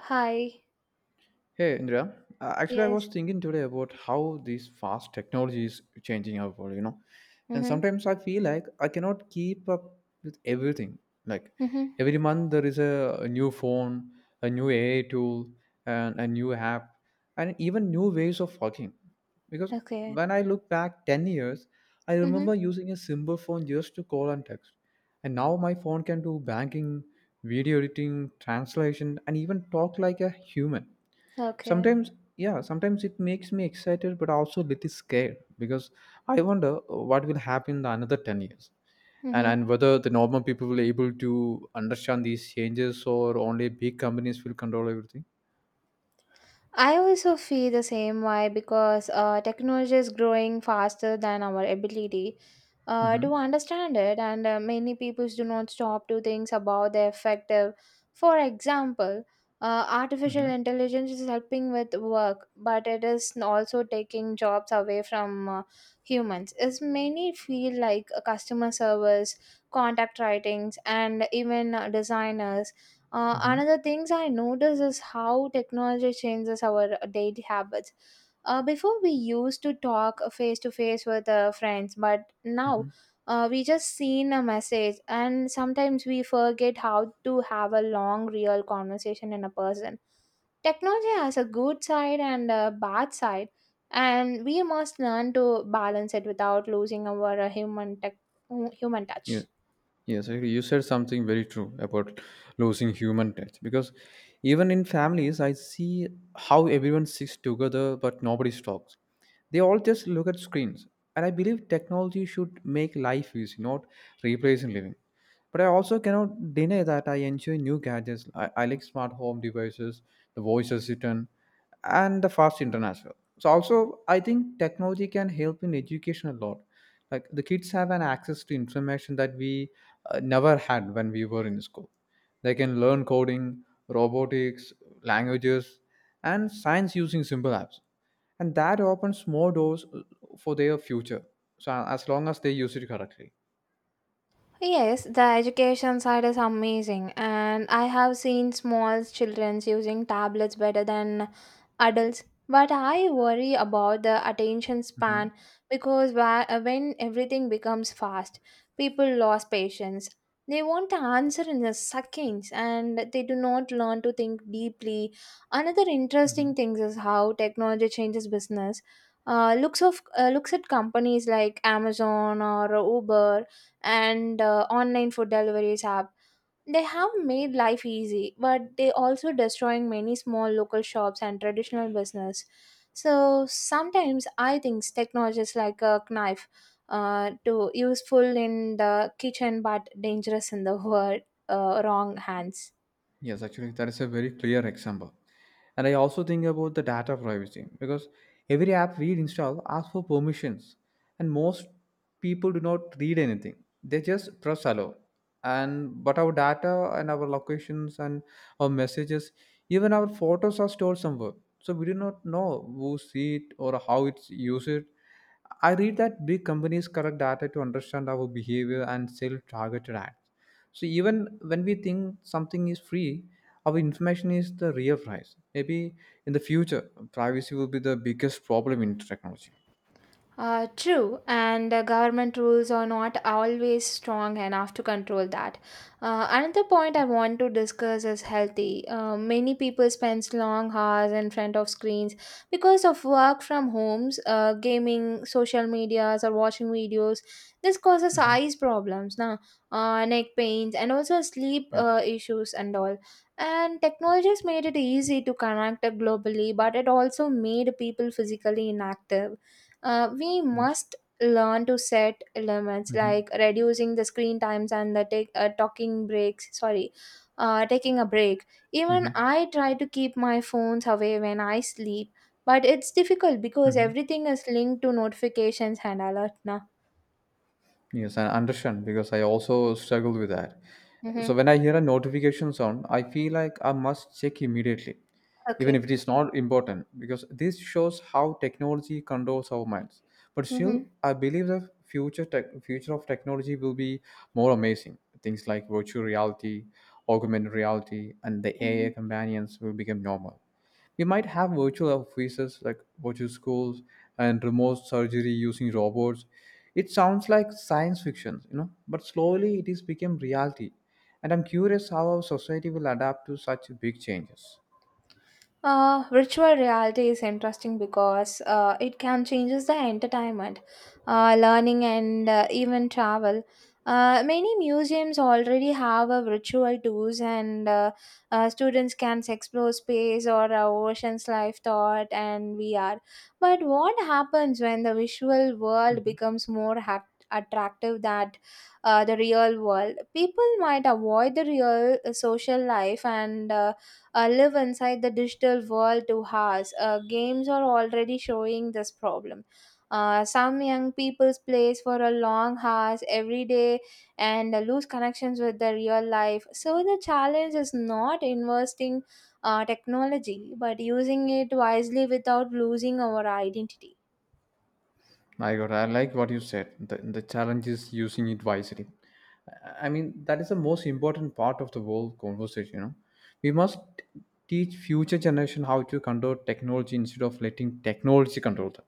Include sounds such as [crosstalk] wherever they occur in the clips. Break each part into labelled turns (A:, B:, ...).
A: Hi.
B: Hey Indra, actually I was
A: Yes.
B: thinking today about how this fast technology is changing our world, you know. And
A: Mhm.
B: sometimes I feel like I cannot keep up with everything. Like
A: Mhm.
B: every month there is a new phone, a new AI tool, and a new app, and even new ways of working. Because
A: Okay.
B: when I look back 10 years, I remember
A: Mhm.
B: using a simple phone just to call and text. And now my phone can do banking, video editing, translation, and even talk like a human
A: Okay.
B: sometimes. Yeah, sometimes it makes me excited but also a little scared because I wonder, what will happen in the another 10 years, and
A: Mhm.
B: and whether the normal people will able to understand these changes or only big companies will control everything.
A: I also feel the same way because technology is growing faster than our ability
B: Mm-hmm.
A: to understand it, and many people do not stop to think about the effect. For example, artificial
B: Mm-hmm.
A: intelligence is helping with work, but it is also taking jobs away from humans. As many feel like customer service, contact writings, and even designers.
B: Mm-hmm.
A: Another things I notice is how technology changes our daily habits. Before we used to talk face to face with friends, but now
B: Mm-hmm.
A: we just seen a message, and sometimes we forget how to have a long, real conversation in a person. Technology has a good side and a bad side, and we must learn to balance it without losing our human
B: Yeah.
A: touch.
B: Yes, I agree. You said something very true about losing human touch because even in families, I see how everyone sits together but nobody talks. They all just look at screens, and I believe technology should make life easy, not replacing living. But I also cannot deny that I enjoy new gadgets. I like smart home devices, the voice assistant, and the fast internet as well. So also, I think technology can help in education a lot like the kids have an access to information that we never had when we were in school. They can learn coding, robotics, languages, and science using simple apps, and that opens more doors for their future, so as long as they use it correctly.
A: Yes, the education side is amazing, and I have seen small children using tablets better than adults. But I worry about the attention
B: Mhm.
A: span because when everything becomes fast, people lose patience. They want the answer in the seconds and they do not learn to think deeply. Another interesting thing is how technology changes business. Uh, looks at companies like Amazon or Uber and online food deliveries app. They have made life easy but they also destroying many small local shops and traditional business. So sometimes I think technology is like a knife, to useful in the kitchen but dangerous in the [laughs] world, wrong hands.
B: Yes, actually, that is a very clear example. And I also think about the data privacy because every app we install asks for permissions, and most people do not read anything. They just press allow. And but our data and our locations and our messages, even our photos are stored somewhere. So we do not know who see it or how it's used. I read that big companies collect data to understand our behavior and sell targeted ads. So even when we think something is free, our information is the real price. Maybe in the future, privacy will be the biggest problem in technology.
A: True, and government rules are not always strong enough to control that. Another point I want to discuss is healthy. Many people spend long hours in front of screens because of work from homes, gaming, social medias, or watching videos. This causes
B: Hmm.
A: eyes problems, na? Neck pains, and also sleep
B: Yes.
A: issues and all. And technology has made it easy to connect globally, but it also made people physically inactive. We
B: Yes.
A: must learn to set limits
B: Hmm.
A: like reducing the screen times and the take talking breaks sorry taking a break. Even
B: Hmm.
A: I try to keep my phones away when I sleep, but it's difficult because
B: Hmm.
A: everything is linked to notifications and alert now.
B: Yes, I understand because I also struggle with that. So
A: Mm-hmm.
B: when I hear a notification sound, I feel like I must check immediately, even if
A: Okay.
B: it is not important, because this shows how technology controls our minds. But still,
A: Mm-hmm.
B: I believe the future tech, future of technology will be more amazing. Things like virtual reality, augmented reality, and the AI companions will become normal. We might have virtual offices like virtual schools and remote surgery using robots. It sounds like science fiction, but slowly it is become reality. And I'm curious how our society will adapt to such big changes.
A: Virtual reality is interesting because it can changes the entertainment, learning, and even travel. Many museums already have a virtual tours, and students can explore space or oceans, life, thought, and VR. But what happens when the visual world
B: Mhm.
A: becomes more attractive than the real world? People might avoid the real social life and live inside the digital world to us. Games are already showing this problem. Some young people plays for a long hours every day and lose connections with the real life. So the challenge is not investing technology, but using it wisely without losing our identity.
B: I got. I like what you said. The challenge is using it wisely. I mean, that is the most important part of the whole conversation. You know, we must teach future generation how to control technology instead of letting technology control them.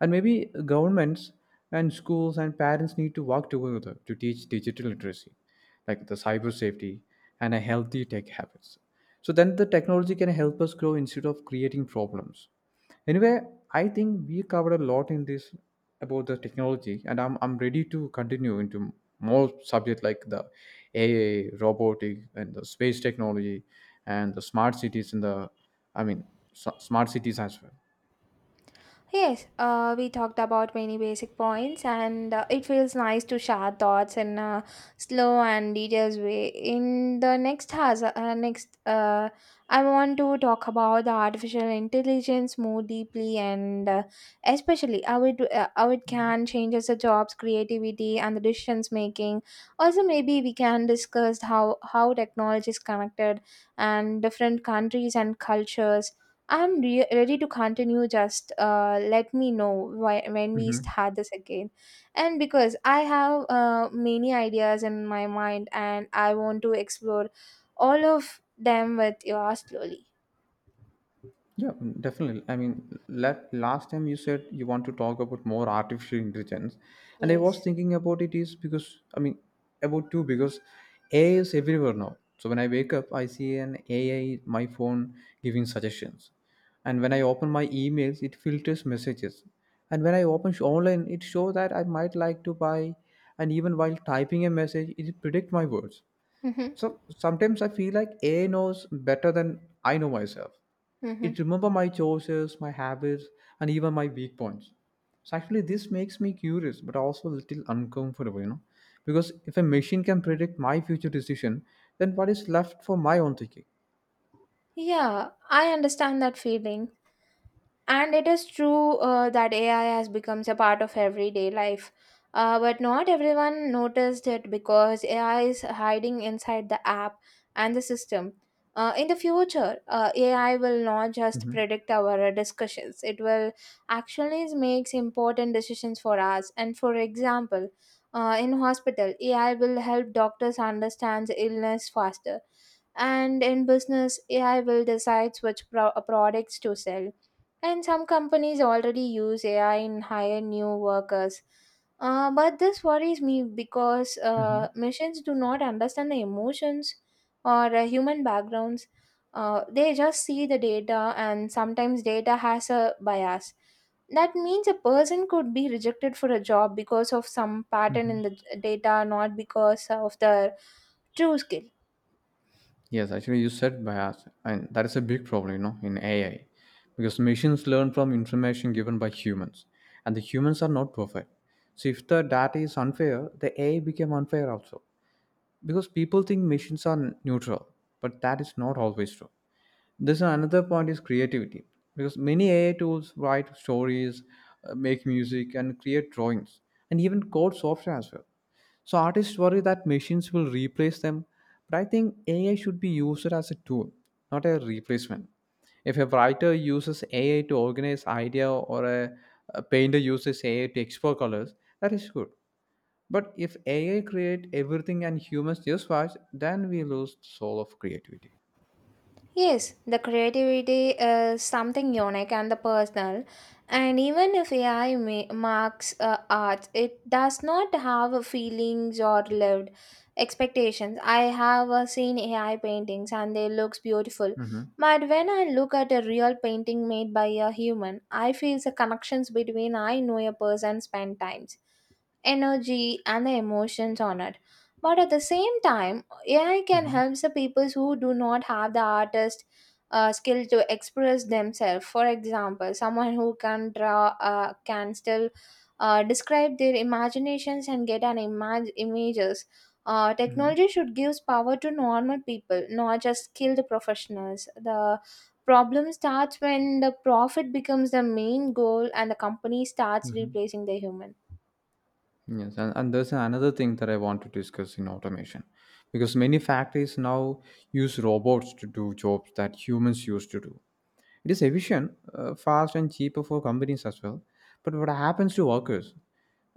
B: And maybe governments and schools and parents need to work together to teach digital literacy, like the cyber safety and a healthy tech habits. So then the technology can help us grow instead of creating problems. Anyway, I think we covered a lot in this about the technology, and I'm ready to continue into more subject like the AI, robotic, and the space technology, and the smart cities in the, I mean, smart cities as well.
A: Yes, we talked about many basic points, and it feels nice to share thoughts in a slow and detailed way. In the next has Next, I want to talk about the artificial intelligence more deeply, and uh, especially how it can changes the jobs, creativity, and the decisions making. Also, maybe we can discuss how technology is connected and different countries and cultures. Ready to continue. Just let me know when we
B: Mhm.
A: start this again. And because I have many ideas in my mind and I want to explore all of them with you slowly.
B: Yeah, mm, definitely. I mean, last time you said you want to talk about more artificial intelligence, and I was
A: Yes.
B: thinking about it is because I mean, about two because AI is everywhere now. So when I wake up, I see an AI in my phone giving suggestions, and when I open my emails, it filters messages, and when I open online, it shows that I might like to buy, and even while typing a message, it predict my words.
A: Mm-hmm.
B: So sometimes I feel like AI knows better than I know myself.
A: Mm-hmm.
B: It remember my choices, my habits, and even my weak points. So actually, this makes me curious, but also a little uncomfortable, you know, because if a machine can predict my future decision, then what is left for my own thinking?
A: Yeah, I understand that feeling. And it is true that AI has become a part of everyday life. But not everyone noticed it because AI is hiding inside the app and the system. In the future, AI will not just
B: Hmm.
A: predict our discussions, it will actually makes important decisions for us. And for example, in hospital, AI will help doctors understand illness faster. And in business, AI will decide which products to sell, and some companies already use AI in hire new workers. But this worries me because machines do not understand the emotions or human backgrounds. They just see the data, and sometimes data has a bias. That means a person could be rejected for a job because of some pattern in the data, not because of their true skill.
B: Yes, actually, you said bias, and that is a big problem, you know, in AI, because machines learn from information given by humans, and the humans are not perfect. So if the data is unfair, the AI became unfair also, because people think machines are neutral, but that is not always true. This another point is creativity because many AI tools write stories, make music, and create drawings, and even code software as well. So artists worry that machines will replace them, but I think AI should be used as a tool, not a replacement. If a writer uses AI to organize idea or a painter uses AI to explore colors, that is good. But if AI create everything and humans just watch, then we lose the soul of creativity.
A: Yes, the creativity is something unique and the personal. And even if AI marks art, it does not have feelings or lived expectations. I have seen AI paintings and they looks beautiful.
B: Hmm.
A: But when I look at a real painting made by a human, I feel the connections between. I know a person spent times, energy, and the emotions on it. But at the same time, AI can help the people who do not have the artist skill to express themselves. For example, someone who can draw can still describe their imaginations and get an images.
B: Hmm.
A: Technology should give power to normal people, not just skilled professionals. The problem starts when the profit becomes the main goal and the company starts
B: Mhm.
A: replacing the human.
B: Yes, and there's another thing that I want to discuss in automation because many factories now use robots to do jobs that humans used to do. It is efficient, fast, and cheaper for companies as well. But what happens to workers?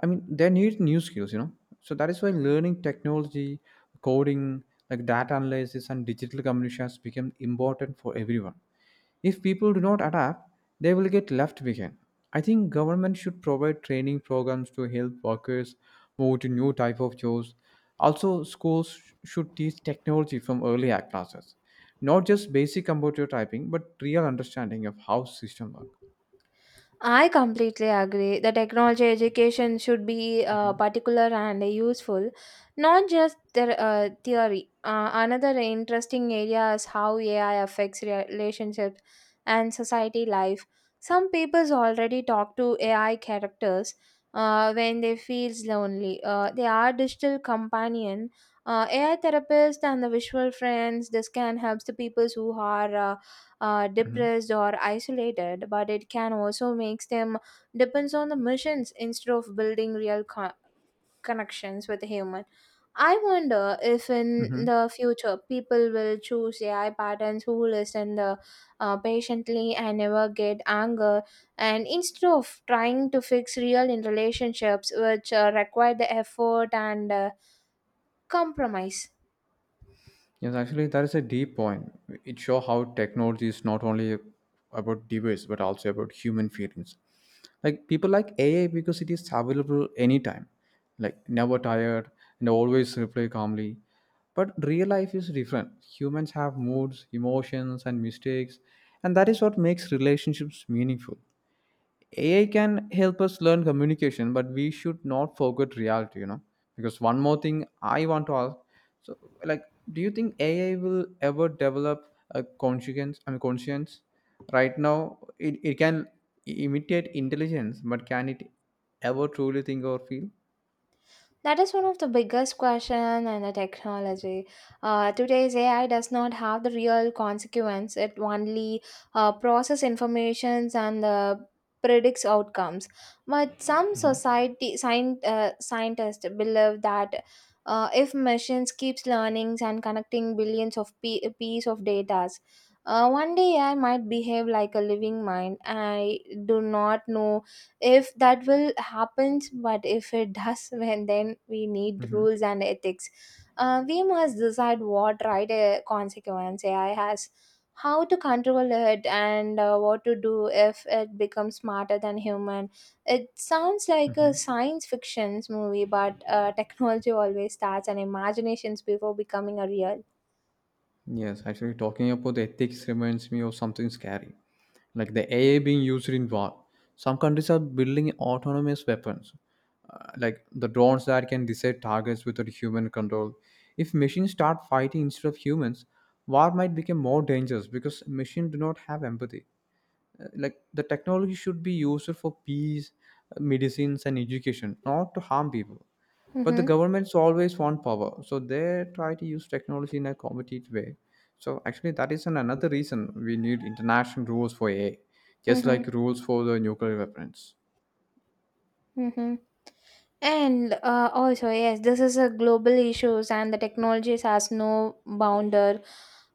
B: I mean, they need new skills, you know. So that is why learning technology, coding, like data analysis, and digital communication has become important for everyone. If people do not adapt, they will get left behind. I think government should provide training programs to help workers move to new type of jobs. Also, should teach technology from early act classes, not just basic computer typing, but real understanding of how system work.
A: I completely agree. The technology education should be
B: Mhm,
A: particular and useful, not just the theory. Another interesting area is how AI affects relationships and society life. Some peoples already talk to AI characters when they feels lonely. They are digital companion, AI therapists, and the visual friends. This can help the peoples who are
B: mhm,
A: depressed or isolated, but it can also makes them depends on the missions instead of building real connections with a human. I wonder if in
B: mhm.
A: the future people will choose AI patterns who listen the, patiently and never get anger, and instead of trying to fix real in relationships which require the effort and compromise.
B: Yes, actually, that is a deep point. It shows how technology is not only about device but also about human feelings. Like people like AI because it is available anytime, like never tired, and always reply calmly, but real life is different. Humans have moods, emotions, and mistakes, and that is what makes relationships meaningful. AI can help us learn communication, but we should not forget reality, you know. Because one more thing I want to ask, so like, do you think AI will ever develop a conscience? I mean, conscience. Right now, it can imitate intelligence, but can it ever truly think or feel?
A: That is one of the biggest question in the technology. Today's AI does not have the real consequence. It only process informations and predicts outcomes. But some society scientists believe that if machines keeps learning and connecting billions of piece of data, one day AI might behave like a living mind. I do not know if that will happen, but if it does [laughs] when then we need
B: Hmm.
A: rules and ethics. We must decide what right consequence AI has, how to control it, and what to do if it becomes smarter than human. It sounds like a science fiction movie, but technology always starts and imaginations before becoming a real.
B: Yes, actually, talking about the ethics reminds me of something scary, like the AI being used in war. Some countries are building autonomous weapons, like the drones that can decide targets without human control. If machines start fighting instead of humans, war might become more dangerous because machines do not have empathy. Like, the technology should be used for peace, medicines, and education, not to harm people, but the
A: Mm-hmm.
B: governments always want power, so they try to use technology in a competitive way. So actually, that is another reason we need international rules for AI, just
A: Mm-hmm.
B: like rules for the nuclear weapons.
A: Mm-hmm. And also, yes, this is a global issues, and the technologies has no boundary.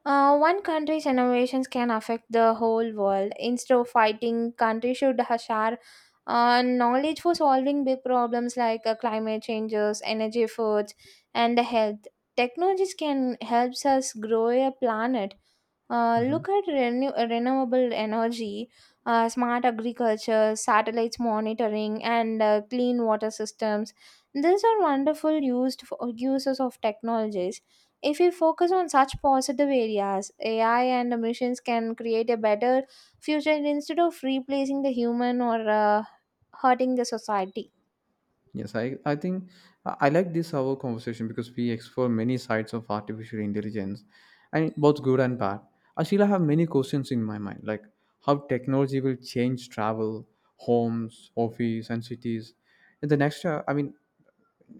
A: One country's innovations can affect the whole world. Instead of fighting, countries should share knowledge for solving big problems like climate changes, energy efforts, and the health. Technologies can help us grow a planet,
B: Mhm.
A: look at renewable energy, smart agriculture, satellites monitoring, and clean water systems. These are wonderful used for uses of technologies. If we focus on such positive areas, AI and machines can create a better future instead of replacing the human or hurting the society.
B: Yes, I think I like this our conversation because we explore many sides of artificial intelligence and both good and bad. I still have many questions in my mind, like how technology will change travel, homes, office, and cities. In the next, I mean,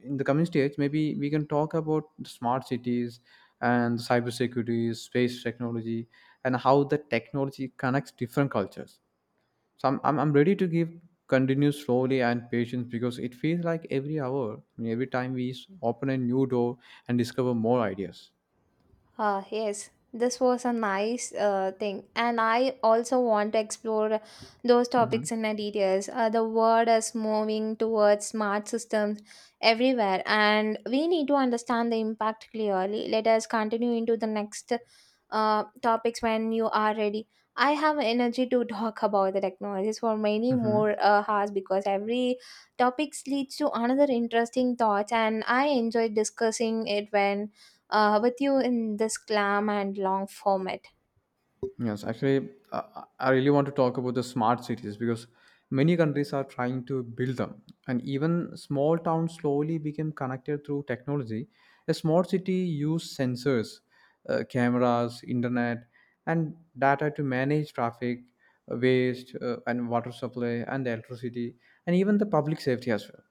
B: in the coming stage, maybe we can talk about the smart cities and cybersecurity, space technology, and how the technology connects different cultures. So I'm ready to give continue slowly and patience because it feels like every hour, I mean, every time we open a new door and discover more ideas.
A: Yes, this was a nice thing, and I also want to explore those
B: Hmm.
A: topics in my details. The world is moving towards smart systems everywhere, and we need to understand the impact clearly. Let us continue into the next topics when you are ready. I have energy to [laughs] talk about the technologies for many more
B: Hmm.
A: hours because every topics leads to another interesting thoughts, and I enjoy discussing it when with you in this glam and long format.
B: Yes, actually, I really want to talk about the smart cities because many countries are trying to build them, and even small towns slowly became connected through technology. A small city used sensors, cameras, internet, and data to manage traffic, waste, and water supply, and electricity, and even the public safety as well.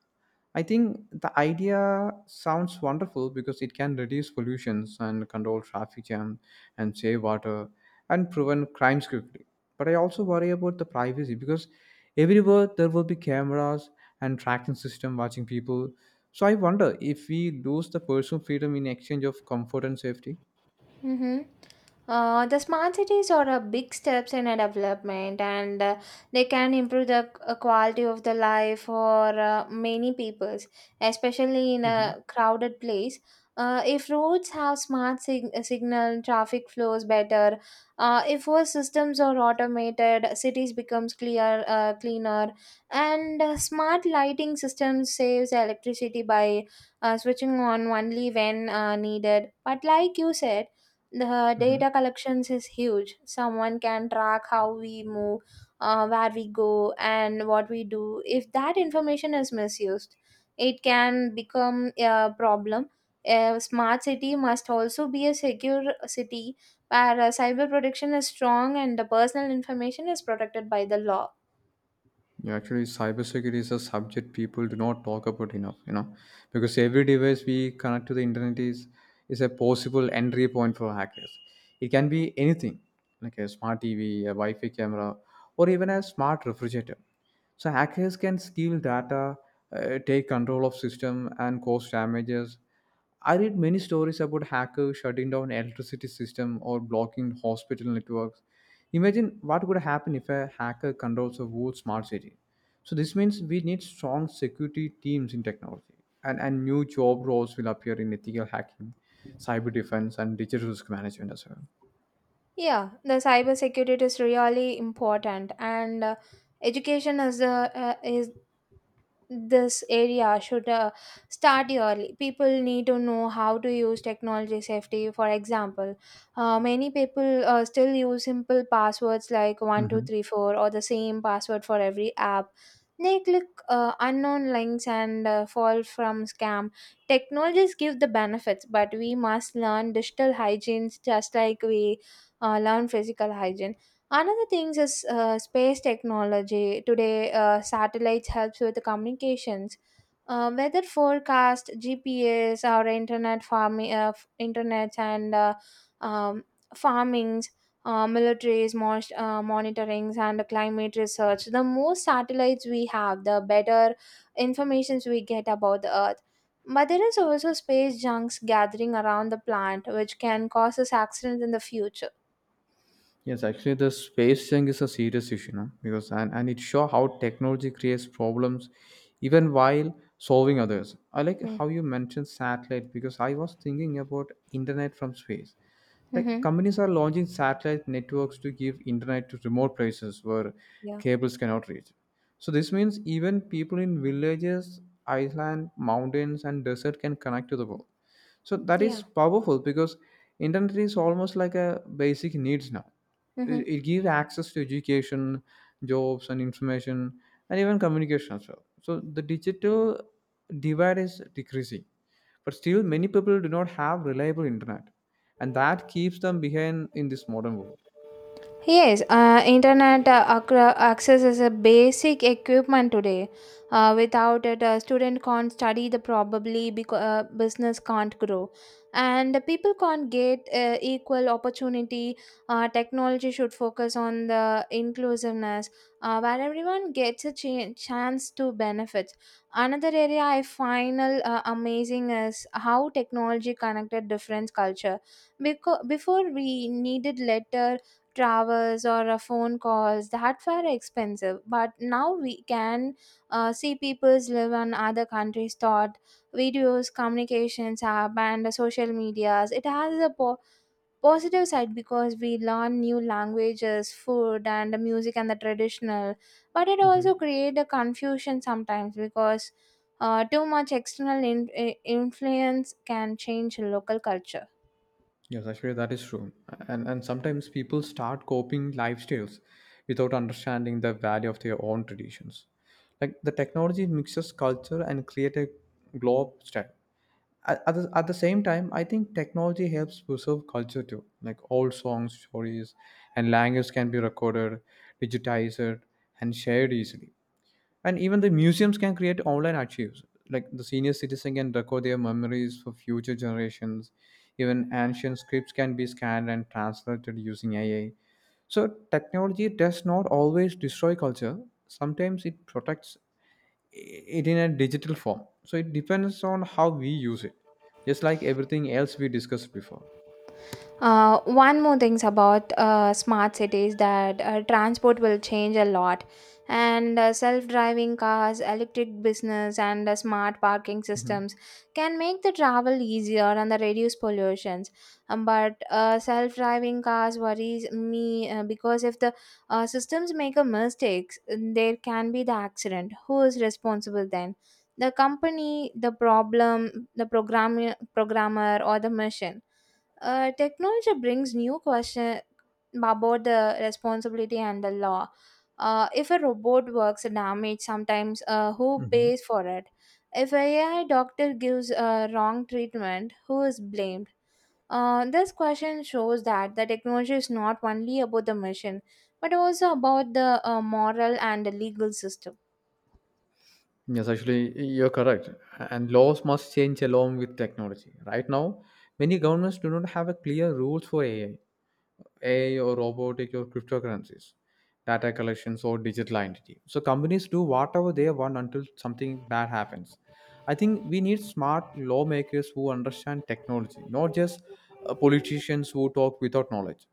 B: I think the idea sounds wonderful because it can reduce pollutions and control traffic jam and save water and prevent crimes quickly. But I also worry about the privacy because everywhere there will be cameras and tracking system watching people. So I wonder if we lose the personal freedom in exchange of comfort and safety.
A: Mm-hmm. The smart cities are a big steps in a development, and they can improve the quality of the life for many peoples, especially in
B: Hmm.
A: a crowded place. If roads have smart signal, traffic flows better. If all systems are automated, cities becomes cleaner, and smart lighting systems saves electricity by switching on only when needed. But like you said, the
B: Hmm.
A: data collections is huge. Someone can track how we move, where we go, and what we do. If that information is misused, it can become a problem. A smart city must also be a secure city, where cyber protection is strong and the personal information is protected by the law.
B: Yeah, actually, cybersecurity is a subject people do not talk about enough, you know, because every device we connect to the internet is a possible entry point for hackers. It can be anything, like a smart TV, a Wi-Fi camera, or even a smart refrigerator. So hackers can steal data, take control of system, and cause damages. I read many stories about hackers shutting down electricity system or blocking hospital networks. Imagine what could happen if a hacker controls a whole smart city. So this means we need strong security teams in technology, and new job roles will appear in ethical hacking, cyber defense, and digital risk management as well.
A: Yeah, the cyber security is really important, and education is the is this area should start early. People need to know how to use technology safety. For example, many people still use simple passwords like
B: Mhm.
A: 1234 or the same password for every app. They click unknown links and fall from scam. Technologies give the benefits, but we must learn digital hygiene just like we learn physical hygiene. Another thing is space technology. Today, satellites helps with communications, weather forecast, GPS, our internet farming, internet and um, farmings, militaries, monitorings, and climate research. The more satellites we have, the better informations we get about the Earth. But there is also space junks gathering around the plant, which can cause us accidents in the future.
B: Yes, actually, the space thing is a serious issue, no? Because and it show how technology creates problems even while solving others. I like how you mentioned satellite because I was thinking about internet from space. Like
A: Mm-hmm.
B: companies are launching satellite networks to give internet to remote places where
A: Yeah.
B: cables cannot reach. So this means even people in villages, island, mountains, and desert can connect to the world, so that is
A: Yeah.
B: powerful because internet is almost like a basic needs now.
A: Hmm.
B: It gives access to education, jobs and information, and even communication as well. So the digital divide is decreasing, but still many people do not have reliable internet, and that keeps them behind in this modern world.
A: Yes, internet access is a basic equipment today. Without it, a student can't study. The probably because business can't grow, and the people can't get equal opportunity. Technology should focus on the inclusiveness, where everyone gets a chance to benefit. Another area I find amazing is how technology connected different culture. Because before we needed letter travels or a phone calls that were expensive, but now we can see people's live on other countries thought videos communications app and the social medias. It has a positive side because we learn new languages, food and the music and the traditional, but it
B: Mhm.
A: also create a confusion sometimes because too much external influence can change local culture.
B: Yes, actually, that is true. And sometimes people start copying lifestyles without understanding the value of their own traditions. Like the technology mixes culture and create a globe style. At the same time, I think technology helps preserve culture too. Like old songs, stories, and language can be recorded, digitized, and shared easily. And even the museums can create online archives. Like the senior citizen can record their memories for future generations. Even ancient scripts can be scanned and translated using AI. So technology does not always destroy culture. Sometimes it protects it in a digital form. So it depends on how we use it, just like everything else we discussed before.
A: One more things about smart cities that transport will change a lot, and self-driving cars, electric business, and smart parking
B: Mhm.
A: systems can make the travel easier and the reduce pollutions. But self-driving cars worries me because if the systems make a mistakes, there can be the accident. Who is responsible then? The company, the problem, the programmer, or the machine? Technology brings new question about the responsibility and the law. If a robot works damage, sometimes who
B: Mhm.
A: pays for it? If a AI doctor gives wrong treatment, who is blamed? This question shows that the technology is not only about the machine, but also about the moral and the legal system.
B: Yes, actually, you're correct. And laws must change along with technology. Right now, many governments do not have a clear rules for AI, AI or robotic or cryptocurrencies, data collections or digital identity. So companies do whatever they want until something bad happens. I think we need smart lawmakers who understand technology, not just politicians who talk without knowledge.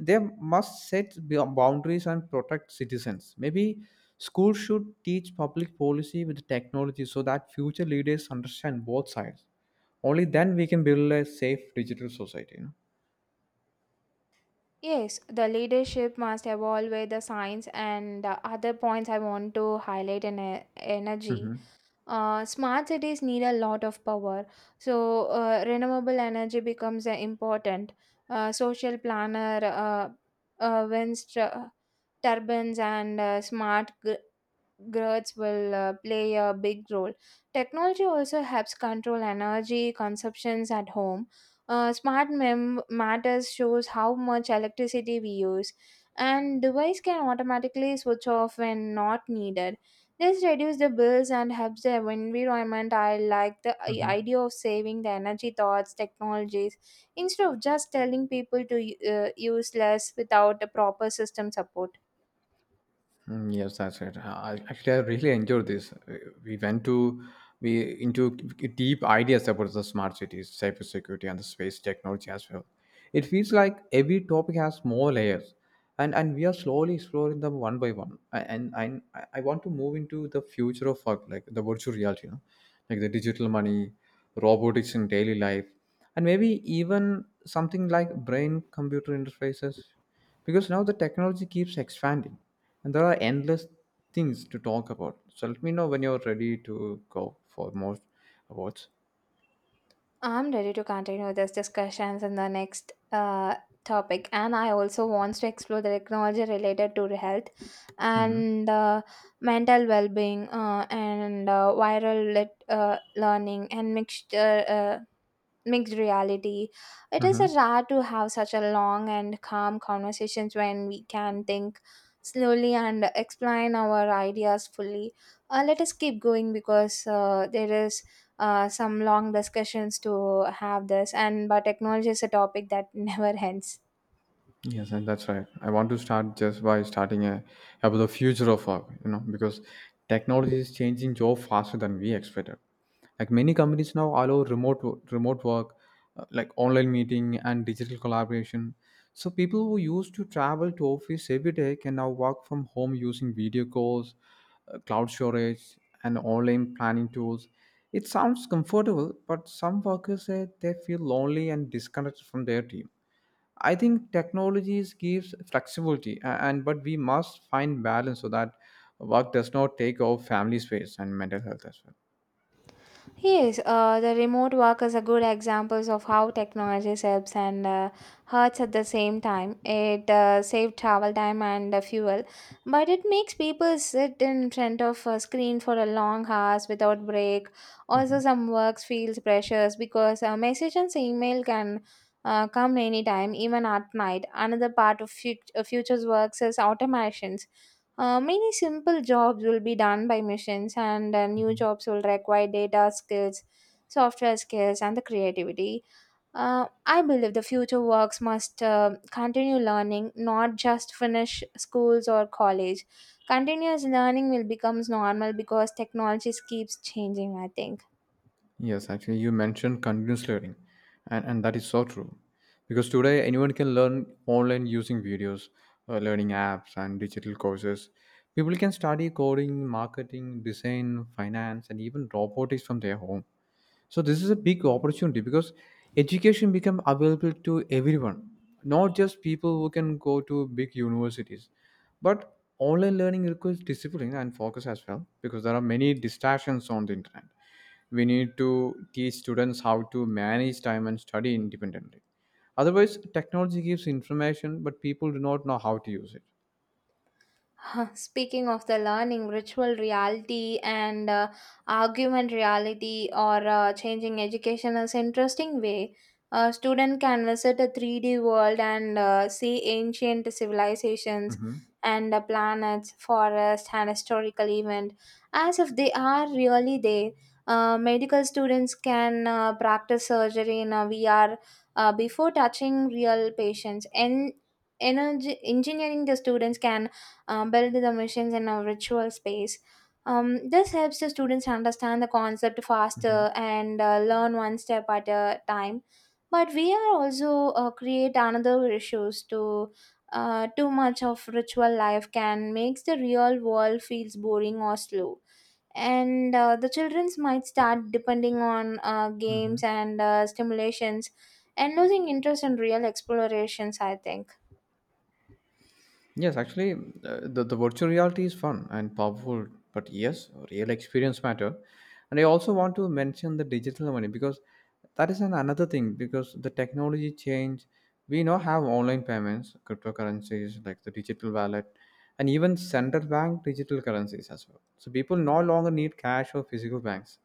B: They must set boundaries and protect citizens. Maybe schools should teach public policy with technology so that future leaders understand both sides. Only then we can build a safe digital society. You
A: Yes, the leadership must evolve with the science, and the other points I want to highlight in energy.
B: know?
A: Smart cities need a lot of power, so renewable energy becomes important. Social planner, winds, turbines, and smart growths will play a big role. Technology also helps control energy consumptions at home. Smart matters shows how much electricity we use, and device can automatically switch off when not needed. This reduces the bills and helps the environment. I like the
B: Hmm.
A: idea of saving the energy thoughts technologies instead of just telling people to use less without a proper system support.
B: Mm, yes, that's right. I really enjoyed this. We went to we into deep ideas about the smart cities, cybersecurity, and the space technology as well. It feels like every topic has more layers, and we are slowly exploring them one by one. And I want to move into the future of work, like the virtual reality, you know, like the digital money, robotics in daily life, and maybe even something like brain computer interfaces, because now the technology keeps expanding and there are endless things to talk about. So let me know when you're ready to go for more awards.
A: I'm ready to continue this discussions in the next topic, and I also wants to explore the technology related to health
B: Mm-hmm.
A: and mental well-being and learning and mixture, mixed reality. It is
B: Mm-hmm.
A: rare to have such a long and calm conversations when we can think slowly and explain our ideas fully. Let us keep going because there is some long discussions to have this, and but technology is a topic that [laughs] never ends.
B: Yes, and that's right. I want to start just by starting a, About the future of work, you know, because technology is changing job faster than we expected. Like many companies now allow remote work, like online meeting and digital collaboration. So people who used to travel to office every day can now work from home using video calls, cloud storage, and online planning tools. It sounds comfortable, but some workers say they feel lonely and disconnected from their team. I think technologies gives flexibility, and but we must find balance so that work does not take over family space and mental health as
A: Yes, the remote workers are good examples of how technology helps and hurts at the same time. It saves travel time and fuel, but it makes people sit in front of a screen for a long hours without break.
B: well.
A: Also,
B: Mhm.
A: some works feels pressures because message and email can come anytime, even at night. Another part of future's works is automations. Many simple jobs will be done by machines, and new jobs will require data skills, software skills, and the creativity. I believe the future works must continue learning, not just finish schools or college. Continuous learning will becomes normal because technologies keeps changing, I think.
B: Yes, actually, you mentioned continuous learning, and that is so true. Because today, anyone can learn online using videos, learning apps, and digital courses. People can study coding, marketing, design, finance, and even robotics from their home. So this is a big opportunity because education become available to everyone, not just people who can go to big universities. But online learning requires discipline and focus as well because there are many distractions on the internet. We need to teach students how to manage time and study independently. Otherwise, technology gives information, but people do not know how to use it.
A: [laughs] Speaking of the learning, virtual reality and augmented reality or changing education is interesting way. A student can visit a 3D world and see ancient civilizations
B: Hmm.
A: and planets, forests, and historical event as if they are really there. Medical students can practice surgery in a VR before touching real patients. And energy engineering the students can build the machines in a virtual space. This helps the students understand the concept
B: Hmm.
A: faster and learn one step at a time. But we are also create another issues to too much of ritual life can makes the real world feels boring or slow, and the childrens might start depending on
B: Hmm.
A: games and stimulations and losing interest in real explorations, I think.
B: Yes, actually, the virtual reality is fun and powerful, but yes, real experience matter. And I also want to mention the digital money because that is an another thing because the technology change. We now have online payments, cryptocurrencies like the digital wallet, and even central bank digital currencies as well. So people no longer need cash or physical banks.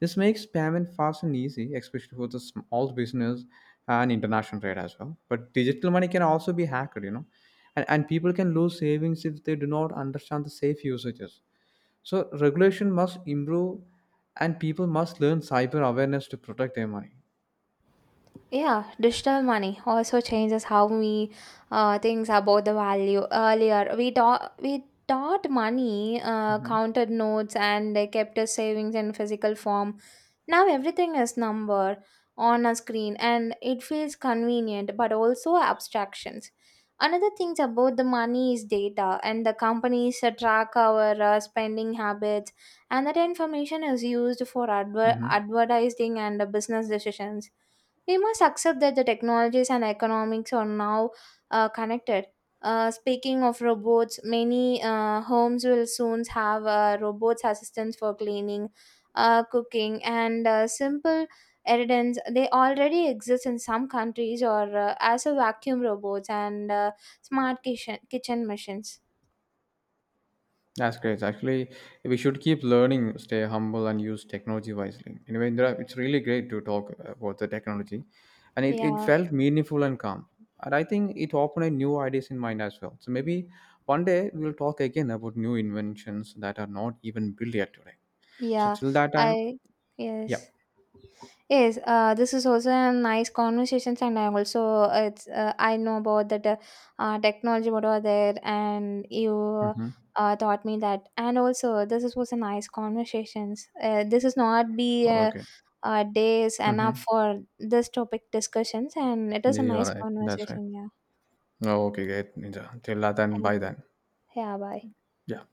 B: This makes payment fast and easy, especially for the small business and international trade as well. But digital money can also be hacked, you know, and people can lose savings if they do not understand the safe usages. So regulation must improve, and people must learn cyber awareness to protect their money.
A: Yeah, digital money also changes how we think about the value. Earlier, we thought money
B: Hmm.
A: counted notes and they kept as savings in physical form. Now everything is number on a screen, and it feels convenient, but also abstractions. Another thing about the money is data, and the companies track our spending habits, and that information is used for
B: Hmm.
A: advertising and business decisions. We must accept that the technologies and economics are now connected. Speaking of robots, many homes will soon have robots assistants for cleaning, cooking, and simple errands. They already exist in some countries, or as a vacuum robots and smart kitchen machines.
B: That's great. Actually, we should keep learning, stay humble, and use technology wisely. Anyway, Indra, it's really great to talk about the technology, and it
A: Yeah,
B: felt meaningful and calm. And I think it opened new ideas in mind as well. So maybe one day we'll talk again about new inventions that are not even built yet today. So
A: yeah,
B: till that time,
A: I
B: yeah.
A: yes. Yes, this is also a nice conversations, and I also it's I know about that technology what are there, and you
B: Hmm.
A: taught me that, and also this is was a nice conversations. This is not be
B: Okay.
A: days enough
B: Mm-hmm.
A: for this topic discussions, and it is
B: Yeah,
A: a
B: you're
A: nice
B: right. That's right.
A: conversation. Yeah,
B: Oh, okay, great, Ninja. Till that time,
A: and
B: bye then.
A: yeah, bye.
B: Yeah.